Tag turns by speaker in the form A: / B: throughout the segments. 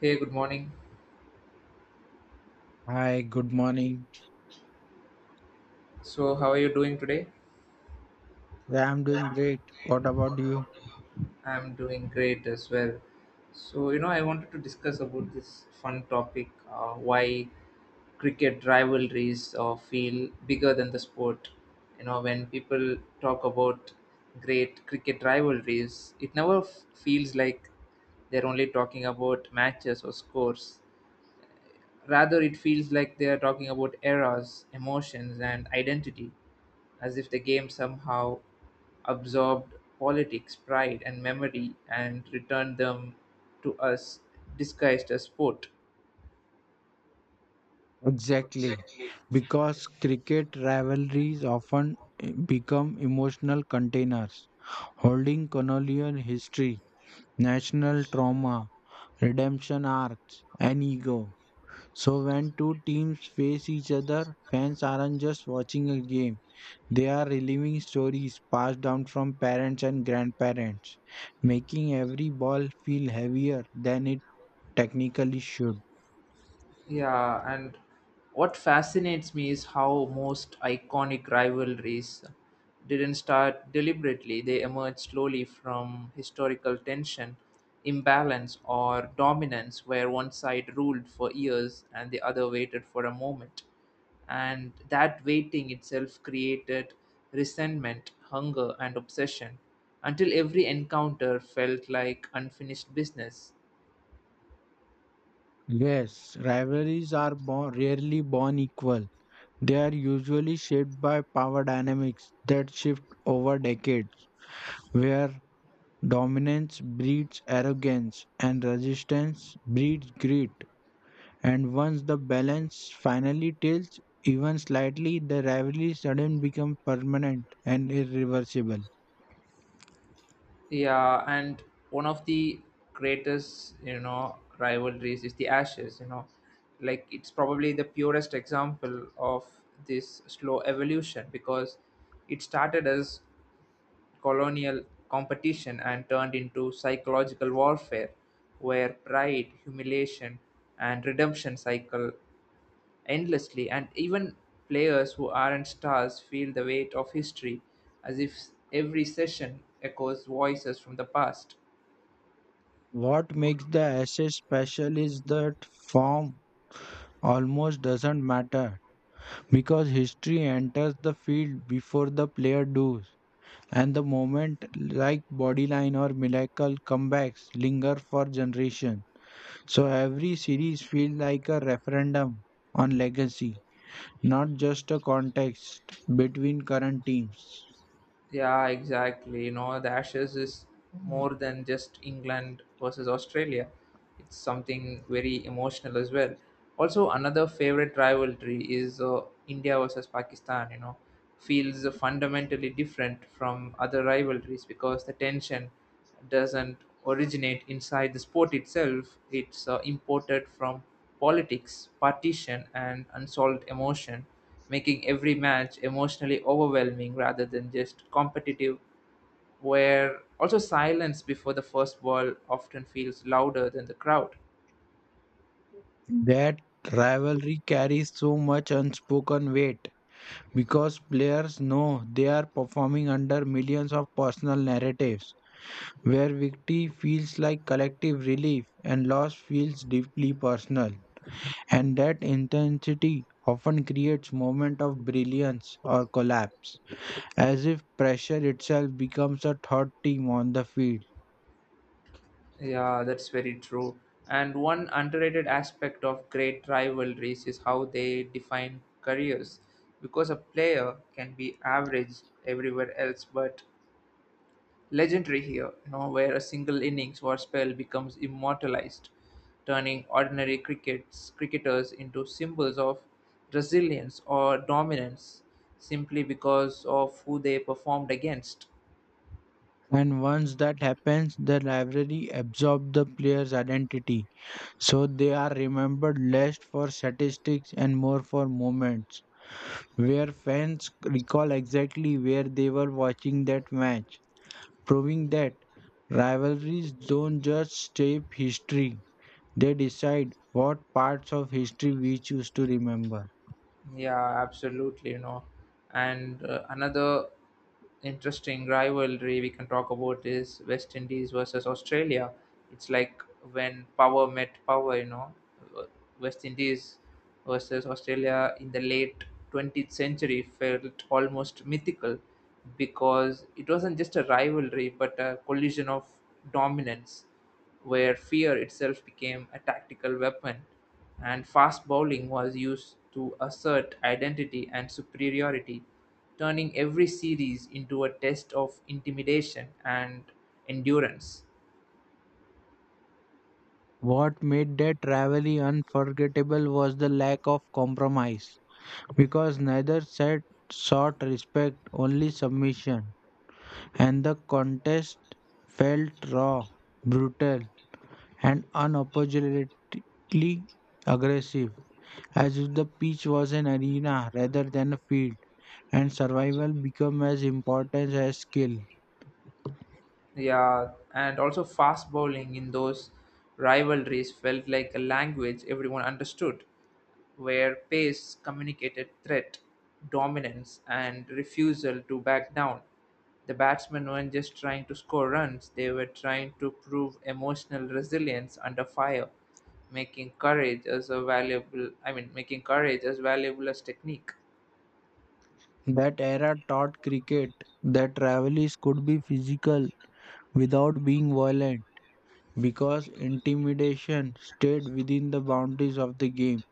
A: Hey, good morning.
B: Hi, good morning.
A: So, how are you doing today?
B: Yeah, I'm doing great. What about you?
A: I'm doing great as well. So, I wanted to discuss about this fun topic, why cricket rivalries feel bigger than the sport. You know, when people talk about great cricket rivalries, it never feels like they're only talking about matches or scores. Rather, it feels like they're talking about eras, emotions, and identity, as if the game somehow absorbed politics, pride, and memory and returned them to us disguised as sport.
B: Exactly. Because cricket rivalries often become emotional containers, holding colonial history, national trauma, redemption arcs, and ego. So when two teams face each other, fans aren't just watching a game. They are reliving stories passed down from parents and grandparents, making every ball feel heavier than it technically should.
A: Yeah, and what fascinates me is how most iconic rivalries didn't start deliberately. They emerged slowly from historical tension, imbalance, or dominance, where one side ruled for years and the other waited for a moment. And that waiting itself created resentment, hunger, and obsession until every encounter felt like unfinished business.
B: Yes, rivalries are born, rarely born equal. They are usually shaped by power dynamics that shift over decades, where dominance breeds arrogance and resistance breeds greed. And once the balance finally tilts, even slightly, the rivalry suddenly becomes permanent and irreversible.
A: Yeah, and one of the greatest, rivalries is the Ashes, you know. Like it's probably the purest example of this slow evolution because it started as colonial competition and turned into psychological warfare where pride, humiliation, and redemption cycle endlessly, and even players who aren't stars feel the weight of history, as if every session echoes voices from the past.
B: What makes the essay special is that form almost doesn't matter, because history enters the field before the player does, and the moment like Bodyline or Miracle comebacks linger for generations. So every series feels like a referendum on legacy, not just a contest between current teams.
A: Yeah, exactly. You know, the Ashes is more than just England versus Australia. It's something very emotional as well. Also, another favorite rivalry is India versus Pakistan. You know, feels fundamentally different from other rivalries because the tension doesn't originate inside the sport itself. It's imported from politics, partition, and unsolved emotion, making every match emotionally overwhelming rather than just competitive. Where also silence before the first ball often feels louder than the crowd.
B: That rivalry carries so much unspoken weight because players know they are performing under millions of personal narratives where victory feels like collective relief and loss feels deeply personal. And that intensity often creates moment of brilliance or collapse, as if pressure itself becomes a third team on the field.
A: Yeah, that's very true. And one underrated aspect of great rivalries is how they define careers. Because a player can be average everywhere else, but legendary here, you know, where a single innings or spell becomes immortalized, turning ordinary crickets, cricketers into symbols of resilience or dominance simply because of who they performed against.
B: And once that happens, the rivalry absorbs the player's identity. So they are remembered less for statistics and more for moments, where fans recall exactly where they were watching that match, proving that rivalries don't just shape history, they decide what parts of history we choose to remember.
A: Yeah, absolutely. And another interesting rivalry we can talk about is West Indies versus Australia. It's like when power met power. You know, Uh, West Indies versus Australia in the late 20th century felt almost mythical because it wasn't just a rivalry but a collision of dominance, where fear itself became a tactical weapon, and fast bowling was used to assert identity and superiority, turning every series into a test of intimidation and endurance.
B: What made that rivalry unforgettable was the lack of compromise, because neither side sought respect, only submission, and the contest felt raw, brutal, and unapologetically aggressive, as if the pitch was an arena rather than a field, and survival became as important as skill.
A: Yeah, and also fast bowling in those rivalries felt like a language everyone understood, where pace communicated threat, dominance, and refusal to back down. The batsmen weren't just trying to score runs, they were trying to prove emotional resilience under fire, making courage as a valuable, I mean, making courage as valuable as technique.
B: That era taught cricket that rivalries could be physical without being violent because intimidation stayed within the boundaries of the game,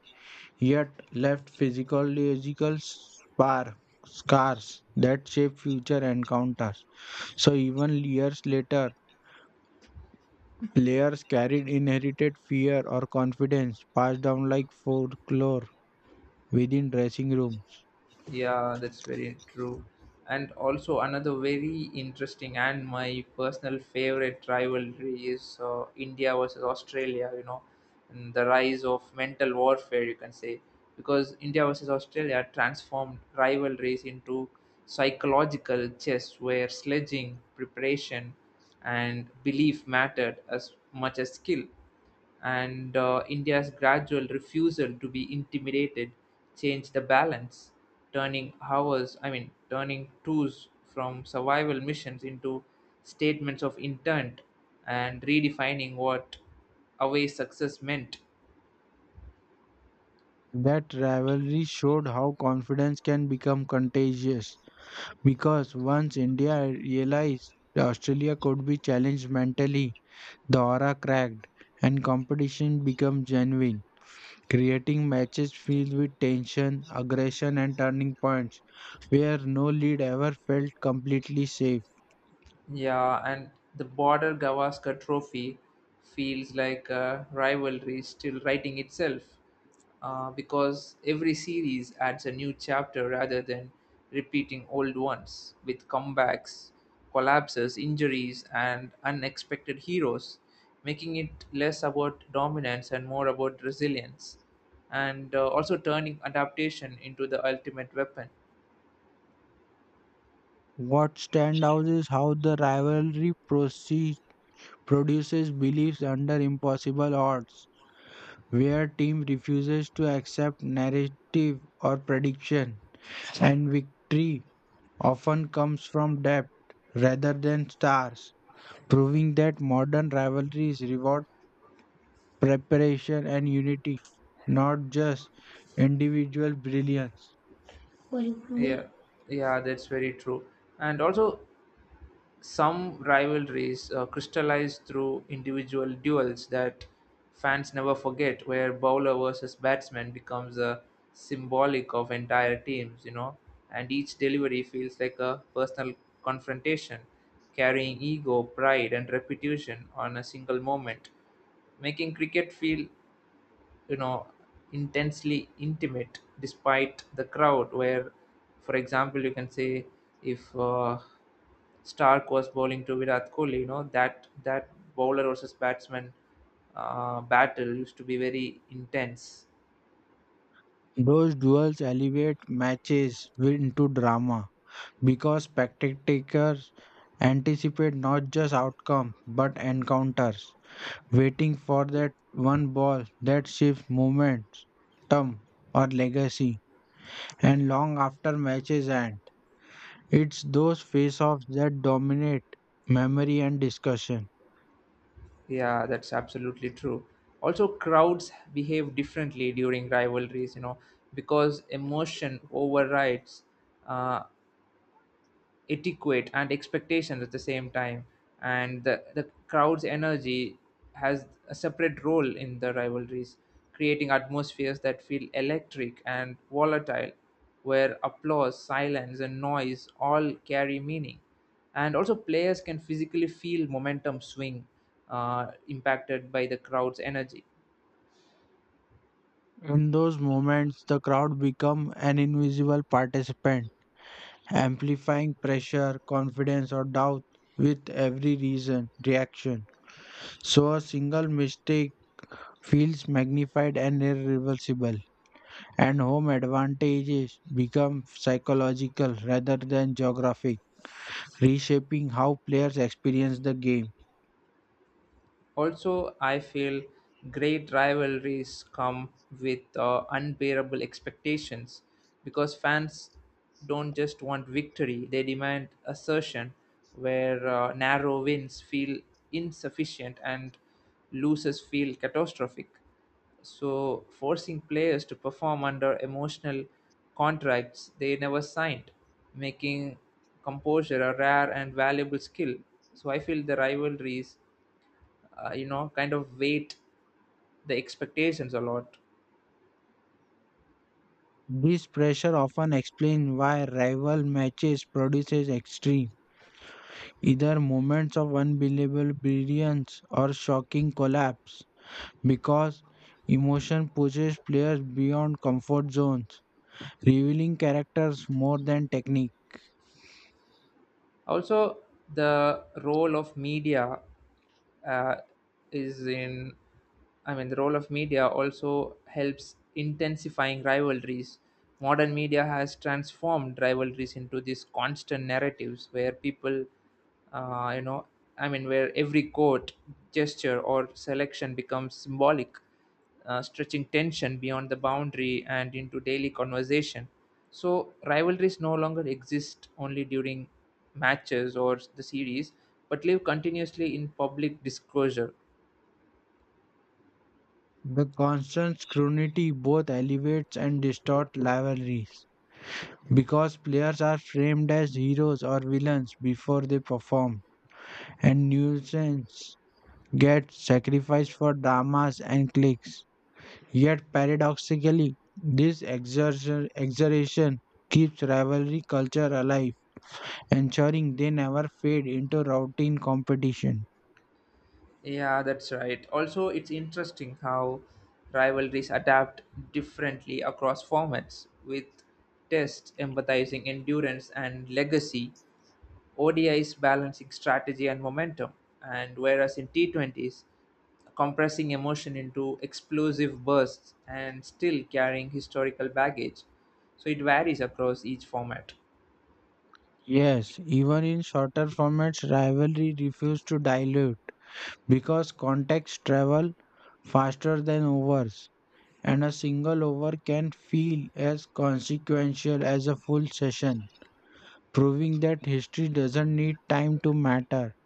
B: yet left scars that shape future encounters. So even years later, players carried inherited fear or confidence passed down like folklore within dressing room.
A: Yeah, that's very true. And also another very interesting and my personal favorite rivalry is India versus Australia, you know, and the rise of mental warfare, you can say, because India versus Australia transformed rivalries into psychological chess where sledging, preparation, and belief mattered as much as skill, and India's gradual refusal to be intimidated changed the balance, turning hours, I mean, turning tours from survival missions into statements of intent and redefining what away success meant.
B: That rivalry showed how confidence can become contagious because once India realized that Australia could be challenged mentally, the aura cracked and competition became genuine, creating matches filled with tension, aggression, and turning points where no lead ever felt completely safe.
A: Yeah, and the Border Gavaskar Trophy feels like a rivalry still writing itself, because every series adds a new chapter rather than repeating old ones, with comebacks, collapses, injuries, and unexpected heroes, making it less about dominance and more about resilience, and also turning adaptation into the ultimate weapon.
B: What stands out is how the produces beliefs under impossible odds where team refuses to accept narrative or prediction and victory often comes from depth rather than stars, proving that modern rivalries reward preparation and unity, not just individual brilliance.
A: Yeah, yeah, that's very true. And also, some rivalries crystallized through individual duels that fans never forget, where bowler versus batsman becomes a symbolic of entire teams, you know, and each delivery feels like a personal confrontation, carrying ego, pride, and reputation on a single moment, making cricket feel, you know, intensely intimate despite the crowd, where, for example, you can say, if Stark was bowling to Virat Kohli, you know, that bowler versus batsman battle used to be very intense.
B: Those duels elevate matches into drama because spectators anticipate not just outcome but encounters, waiting for that one ball that shifts momentum or legacy, and long after matches end. It's those face offs that dominate memory and discussion.
A: Yeah, that's absolutely true. Also, crowds behave differently during rivalries, you know, because emotion overrides uh, etiquette and expectations at the same time, and the crowd's energy has a separate role in the rivalries, creating atmospheres that feel electric and volatile, where applause, silence, and noise all carry meaning, and also players can physically feel momentum swing, impacted by the crowd's energy.
B: In those moments, the crowd become an invisible participant, amplifying pressure, confidence, or doubt with every reason reaction. So a single mistake feels magnified and irreversible, and home advantages become psychological rather than geographic, reshaping how players experience the game.
A: Also, I feel great rivalries come with unbearable expectations because fans don't just want victory, they demand assertion, where narrow wins feel insufficient and losses feel catastrophic. So, forcing players to perform under emotional contracts they never signed, making composure a rare and valuable skill. So, I feel the rivalries, kind of weight the expectations a lot.
B: This pressure often explains why rival matches produces extreme, either moments of unbelievable brilliance or shocking collapse, because emotion pushes players beyond comfort zones, revealing characters more than technique.
A: Also the role of media, uh, is in, I mean, the role of media also helps intensifying rivalries. Modern media has transformed rivalries into these constant narratives where people, uh, you know I mean, where every quote, gesture, or selection becomes symbolic, stretching tension beyond the boundary and into daily conversation. So rivalries no longer exist only during matches or the series, but live continuously in public disclosure.
B: The constant scrutiny both elevates and distorts rivalries, because players are framed as heroes or villains before they perform, and nuisance get sacrificed for dramas and clicks. Yet, paradoxically, this exertion keeps rivalry culture alive, ensuring they never fade into routine competition.
A: Yeah, that's right. Also, it's interesting how rivalries adapt differently across formats, with tests emphasizing endurance and legacy, O D is balancing strategy and momentum, and whereas in T20s, compressing emotion into explosive bursts and still carrying historical baggage. So it varies across each format.
B: Yes, even in shorter formats, rivalry refuses to dilute because context travel faster than overs, and a single over can feel as consequential as a full session, proving that history doesn't need time to matter.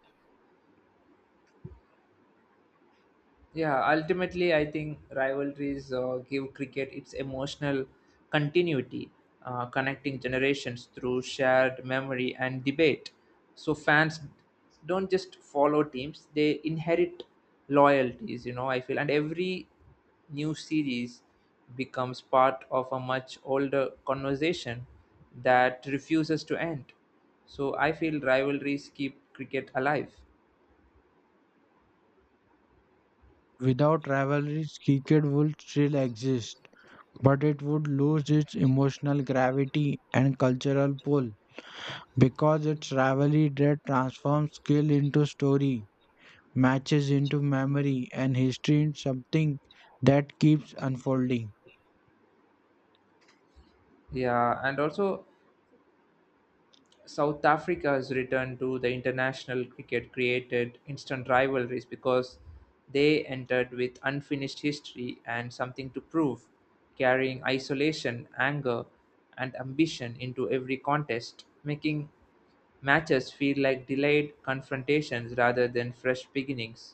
A: Yeah, ultimately, I think rivalries give cricket its emotional continuity, connecting generations through shared memory and debate. So fans don't just follow teams; they inherit loyalties. You know, I feel, and every new series becomes part of a much older conversation that refuses to end. So I feel rivalries keep cricket alive.
B: Without rivalries, cricket would still exist, but it would lose its emotional gravity and cultural pull because it's rivalry that transforms skill into story, matches into memory, and history into something that keeps unfolding.
A: Yeah, and also South Africa's return to the international cricket created instant rivalries because they entered with unfinished history and something to prove, carrying isolation, anger, and ambition into every contest, making matches feel like delayed confrontations rather than fresh beginnings,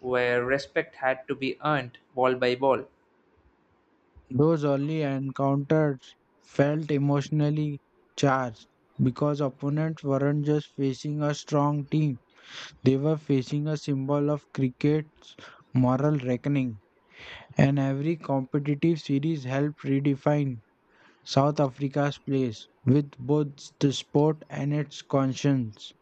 A: where respect had to be earned ball by ball.
B: Those early encounters felt emotionally charged because opponents weren't just facing a strong team, they were facing a symbol of cricket's moral reckoning. And every competitive series helped redefine South Africa's place with both the sport and its conscience.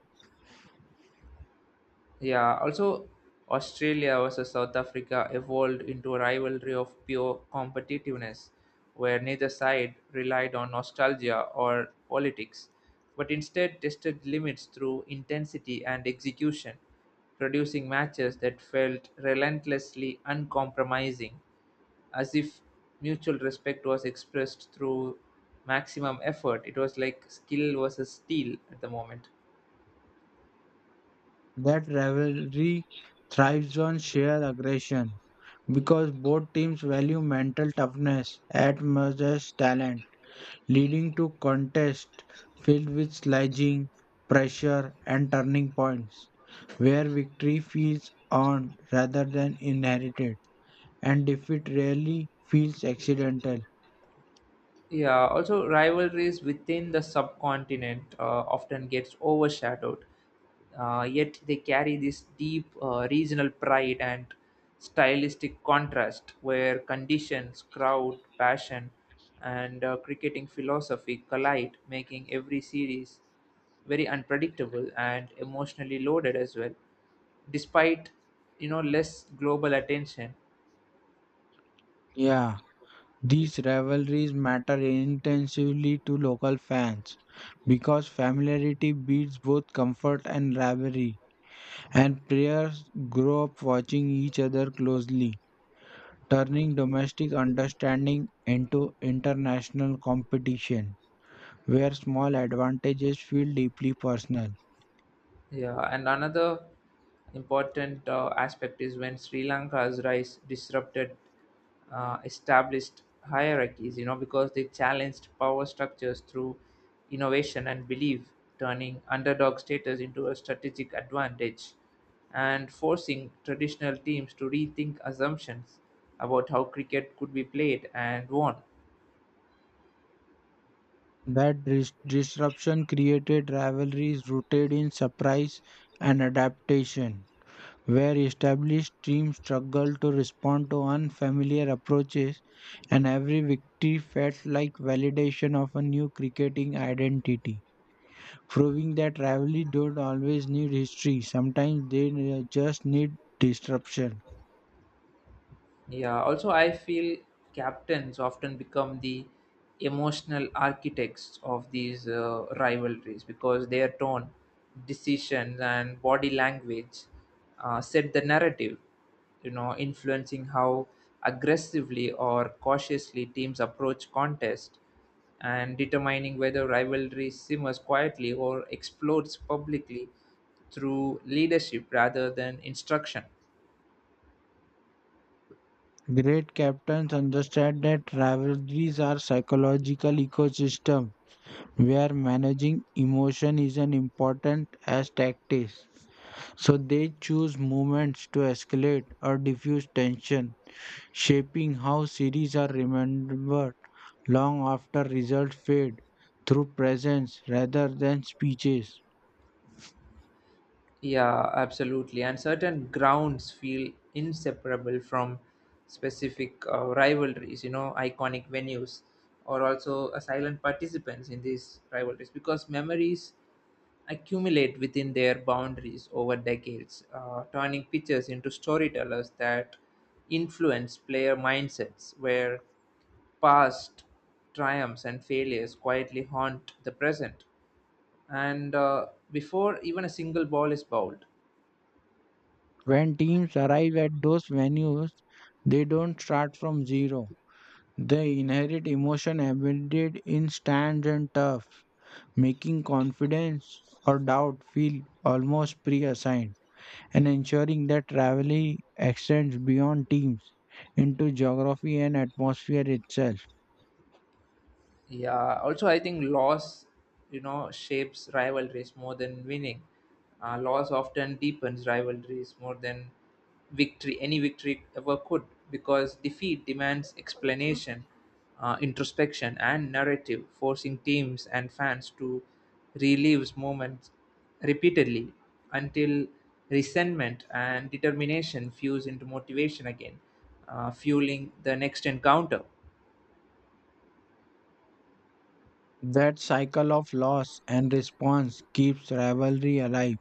A: Yeah, also Australia versus South Africa evolved into a rivalry of pure competitiveness, where neither side relied on nostalgia or politics, but instead tested limits through intensity and execution, producing matches that felt relentlessly uncompromising, as if mutual respect was expressed through maximum effort. It was like skill versus steel at the moment.
B: That rivalry thrives on sheer aggression because both teams value mental toughness as much as talent, leading to contests filled with sledging, pressure, and turning points, where victory feels earned rather than inherited, and defeat rarely feels accidental.
A: Yeah, also rivalries within the subcontinent, often gets overshadowed. Yet they carry this deep, regional pride and stylistic contrast, where conditions, crowd, passion, and cricketing philosophy collide, making every series very unpredictable and emotionally loaded as well. Despite, you know, less global attention.
B: Yeah, these rivalries matter intensively to local fans because familiarity beats both comfort and rivalry, and players grow up watching each other closely, turning domestic understanding into international competition, where small advantages feel deeply personal.
A: Yeah, and another important aspect is when Sri Lanka's rise disrupted established hierarchies, you know, because they challenged power structures through innovation and belief, turning underdog status into a strategic advantage and forcing traditional teams to rethink assumptions about how cricket could be played and won.
B: That disruption created rivalries rooted in surprise and adaptation, where established teams struggled to respond to unfamiliar approaches, and every victory felt like validation of a new cricketing identity, proving that rivalries don't always need history, sometimes they just need disruption.
A: Yeah, also, I feel captains often become the emotional architects of these rivalries because their tone, decisions, and body language set the narrative, you know, influencing how aggressively or cautiously teams approach contest and determining whether rivalry simmers quietly or explodes publicly through leadership rather than instruction.
B: Great captains understand that rivalries are psychological ecosystem where managing emotion is as important as tactics. So they choose moments to escalate or diffuse tension, shaping how series are remembered long after results fade through presence rather than speeches.
A: Yeah, absolutely. And certain grounds feel inseparable from specific rivalries, you know, iconic venues or also silent participants in these rivalries, because memories accumulate within their boundaries over decades, turning pictures into storytellers that influence player mindsets where past triumphs and failures quietly haunt the present. And before even a single ball is bowled.
B: When teams arrive at those venues, they don't start from zero. They inherit emotion embedded in stands and turf, making confidence or doubt feel almost pre assigned and ensuring that rivalry extends beyond teams into geography and atmosphere itself.
A: Yeah, also I think loss, you know, shapes rivalries more than winning. Loss often deepens rivalries more than victory, any victory ever could, because defeat demands explanation, introspection, and narrative, forcing teams and fans to relive moments repeatedly until resentment and determination fuse into motivation again, fueling the next encounter.
B: That cycle of loss and response keeps rivalry alive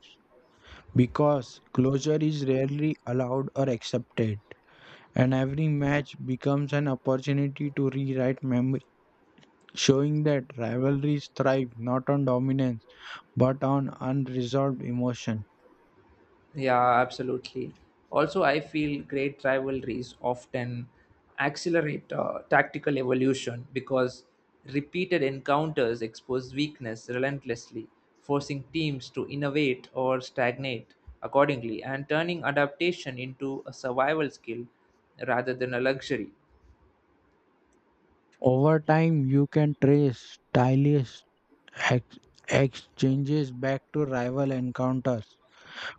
B: because closure is rarely allowed or accepted, and every match becomes an opportunity to rewrite memories, showing that rivalries thrive not on dominance but on unresolved emotion.
A: Yeah, absolutely. Also, I feel great rivalries often accelerate tactical evolution because repeated encounters expose weakness relentlessly, forcing teams to innovate or stagnate accordingly, and turning adaptation into a survival skill rather than a luxury.
B: Over time, you can trace tireless ex- exchanges back to rival encounters,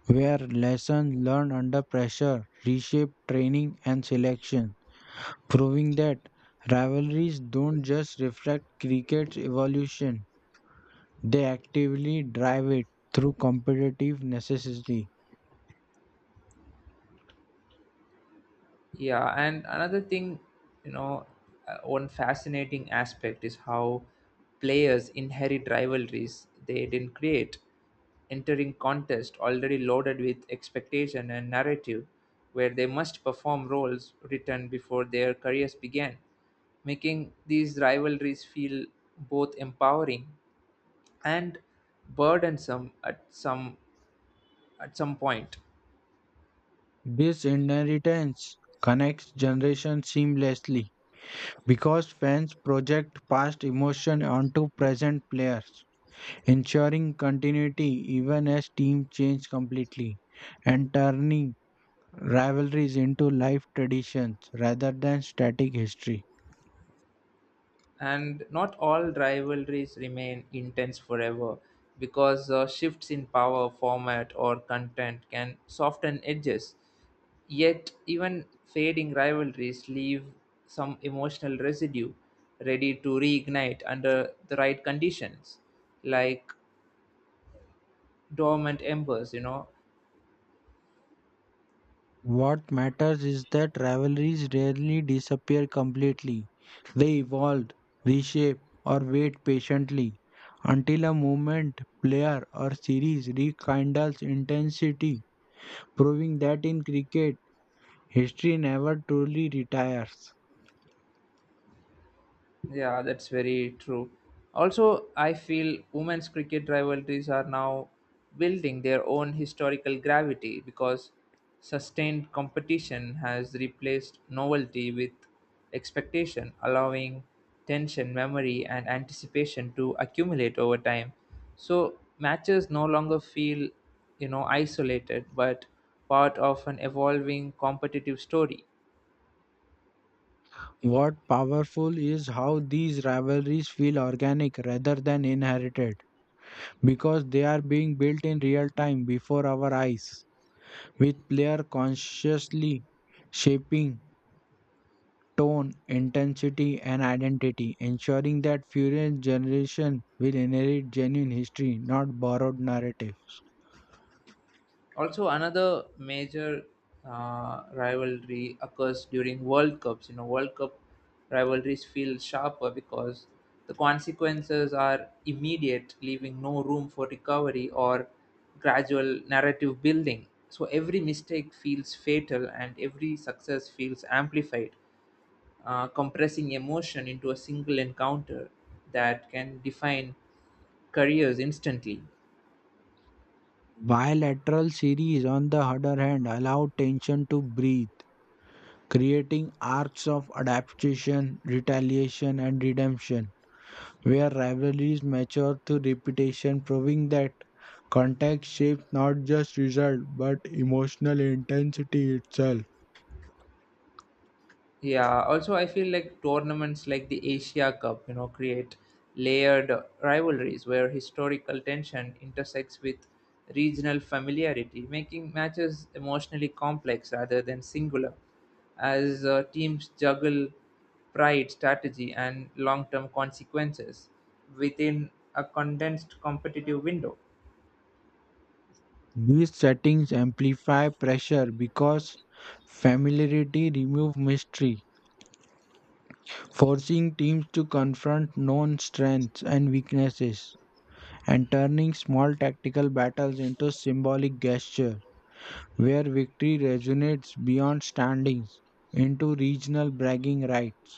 B: where lessons learned under pressure reshape training and selection, proving that rivalries don't just reflect cricket's evolution, they actively drive it through competitive necessity.
A: Yeah, and another thing, you know, one fascinating aspect is how players inherit rivalries they didn't create, entering contest already loaded with expectation and narrative, where they must perform roles written before their careers began, making these rivalries feel both empowering and burdensome at some point.
B: This inheritance connects generations seamlessly because fans project past emotion onto present players, ensuring continuity even as teams change completely and turning rivalries into life traditions rather than static history.
A: And not all rivalries remain intense forever because shifts in power, format, or content can soften edges. Yet, even fading rivalries leave some emotional residue ready to reignite under the right conditions, like dormant embers, you know.
B: What matters is that rivalries rarely disappear completely. They evolve, reshape, or wait patiently until a moment, player, or series rekindles intensity, proving that in cricket, history never truly retires.
A: Yeah, that's very true. Also, I feel women's cricket rivalries are now building their own historical gravity because sustained competition has replaced novelty with expectation, allowing tension, memory, and anticipation to accumulate over time. So, matches no longer feel, you know, isolated, but part of an evolving competitive story.
B: What powerful is how these rivalries feel organic rather than inherited, because they are being built in real time before our eyes, with player consciously shaping tone, intensity, and identity, ensuring that future generations will inherit genuine history, not borrowed narrative.
A: Also, another major rivalry occurs during World Cups. You know, World Cup rivalries feel sharper because the consequences are immediate, leaving no room for recovery or gradual narrative building. So, every mistake feels fatal and every success feels amplified, compressing emotion into a single encounter that can define careers instantly.
B: Bilateral series, on the other hand, allow tension to breathe, creating arcs of adaptation, retaliation, and redemption, where rivalries mature through repetition, proving that context shapes not just result but emotional intensity itself.
A: Yeah, also I feel like tournaments like the Asia Cup, you know, create layered rivalries where historical tension intersects with regional familiarity, making matches emotionally complex rather than singular, as teams juggle pride, strategy, and long term consequences within a condensed competitive window.
B: These settings amplify pressure because familiarity removes mystery, forcing teams to confront known strengths and weaknesses, and turning small tactical battles into symbolic gestures where victory resonates beyond standings into regional bragging rights.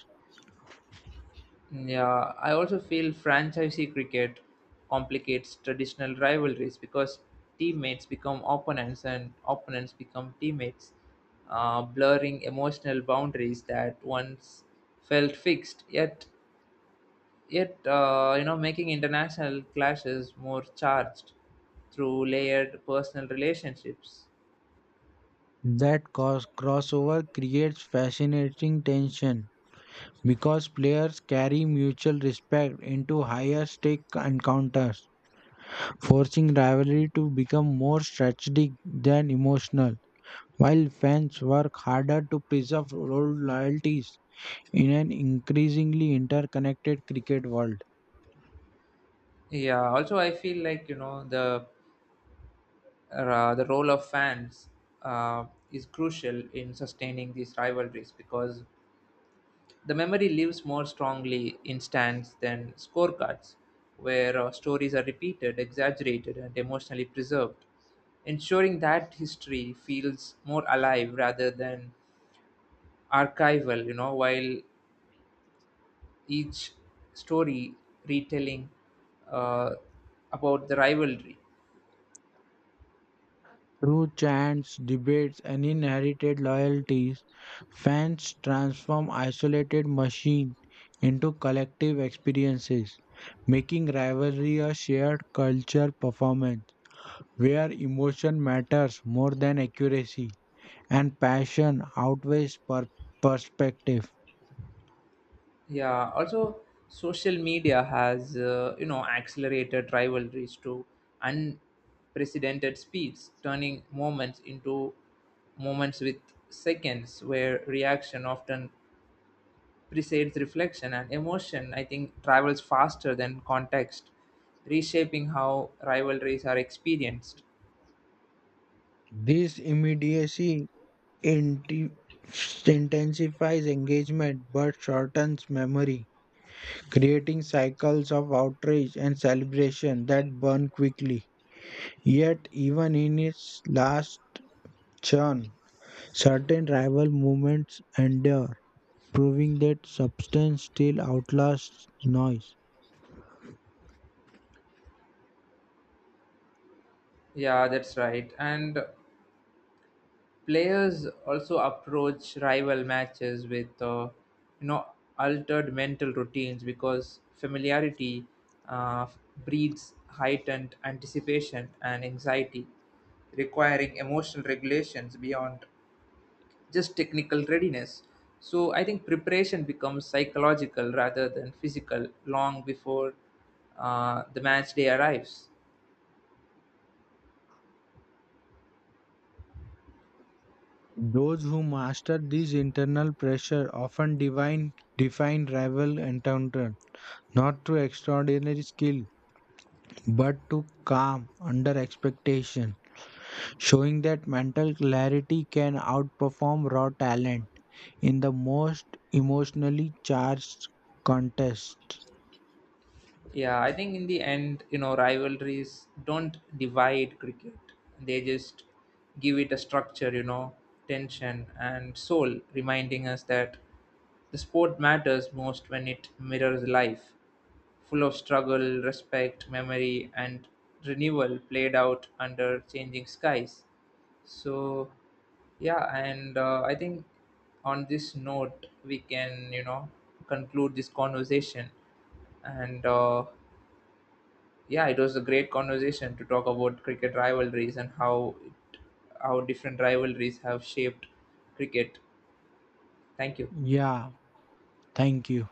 A: Yeah, I also feel franchisee cricket complicates traditional rivalries because teammates become opponents and opponents become teammates, blurring emotional boundaries that once felt fixed. Yet, making international clashes more charged through layered personal relationships.
B: That cause crossover creates fascinating tension because players carry mutual respect into higher stake encounters, forcing rivalry to become more strategic than emotional, while fans work harder to preserve old loyalties in an increasingly interconnected cricket world.
A: Yeah, also I feel like, you know, the role of fans uh, is crucial in sustaining these rivalries because the memory lives more strongly in stands than scorecards, where stories are repeated, exaggerated, and emotionally preserved, ensuring that history feels more alive rather than archival, you know, while each story retelling uh, about the rivalry.
B: Through chants, debates, and inherited loyalties, fans transform isolated machines into collective experiences, making rivalry a shared culture performance where emotion matters more than accuracy, and passion outweighs perspective.
A: Yeah, also social media has, accelerated rivalries to unprecedented speeds, turning moments into moments with seconds, where reaction often precedes reflection and emotion, I think, travels faster than context, reshaping how rivalries are experienced.
B: This immediacy inti- intensifies engagement but shortens memory, creating cycles of outrage and celebration that burn quickly. Yet, even in its last churn, certain rival movements endure, proving that substance still outlasts noise.
A: Yeah, that's right. And players also approach rival matches with, you know altered mental routines because familiarity uh, breeds heightened anticipation and anxiety, requiring emotional regulations beyond just technical readiness. So I think preparation becomes psychological rather than physical long before the match day arrives.
B: Those who master these internal pressure often define rival encounter not through extraordinary skill but to calm under expectation, showing that mental clarity can outperform raw talent in the most emotionally charged contest.
A: Yeah, I think in the end, you know, rivalries don't divide cricket. They just give it a structure, you know, tension and soul, reminding us that the sport matters most when it mirrors life, full of struggle, respect, memory, and renewal played out under changing skies. So, yeah, and I think on this note, we can, you know, conclude this conversation and yeah, it was a great conversation to talk about cricket rivalries and how how different rivalries have shaped cricket. Thank you.
B: Yeah, thank you.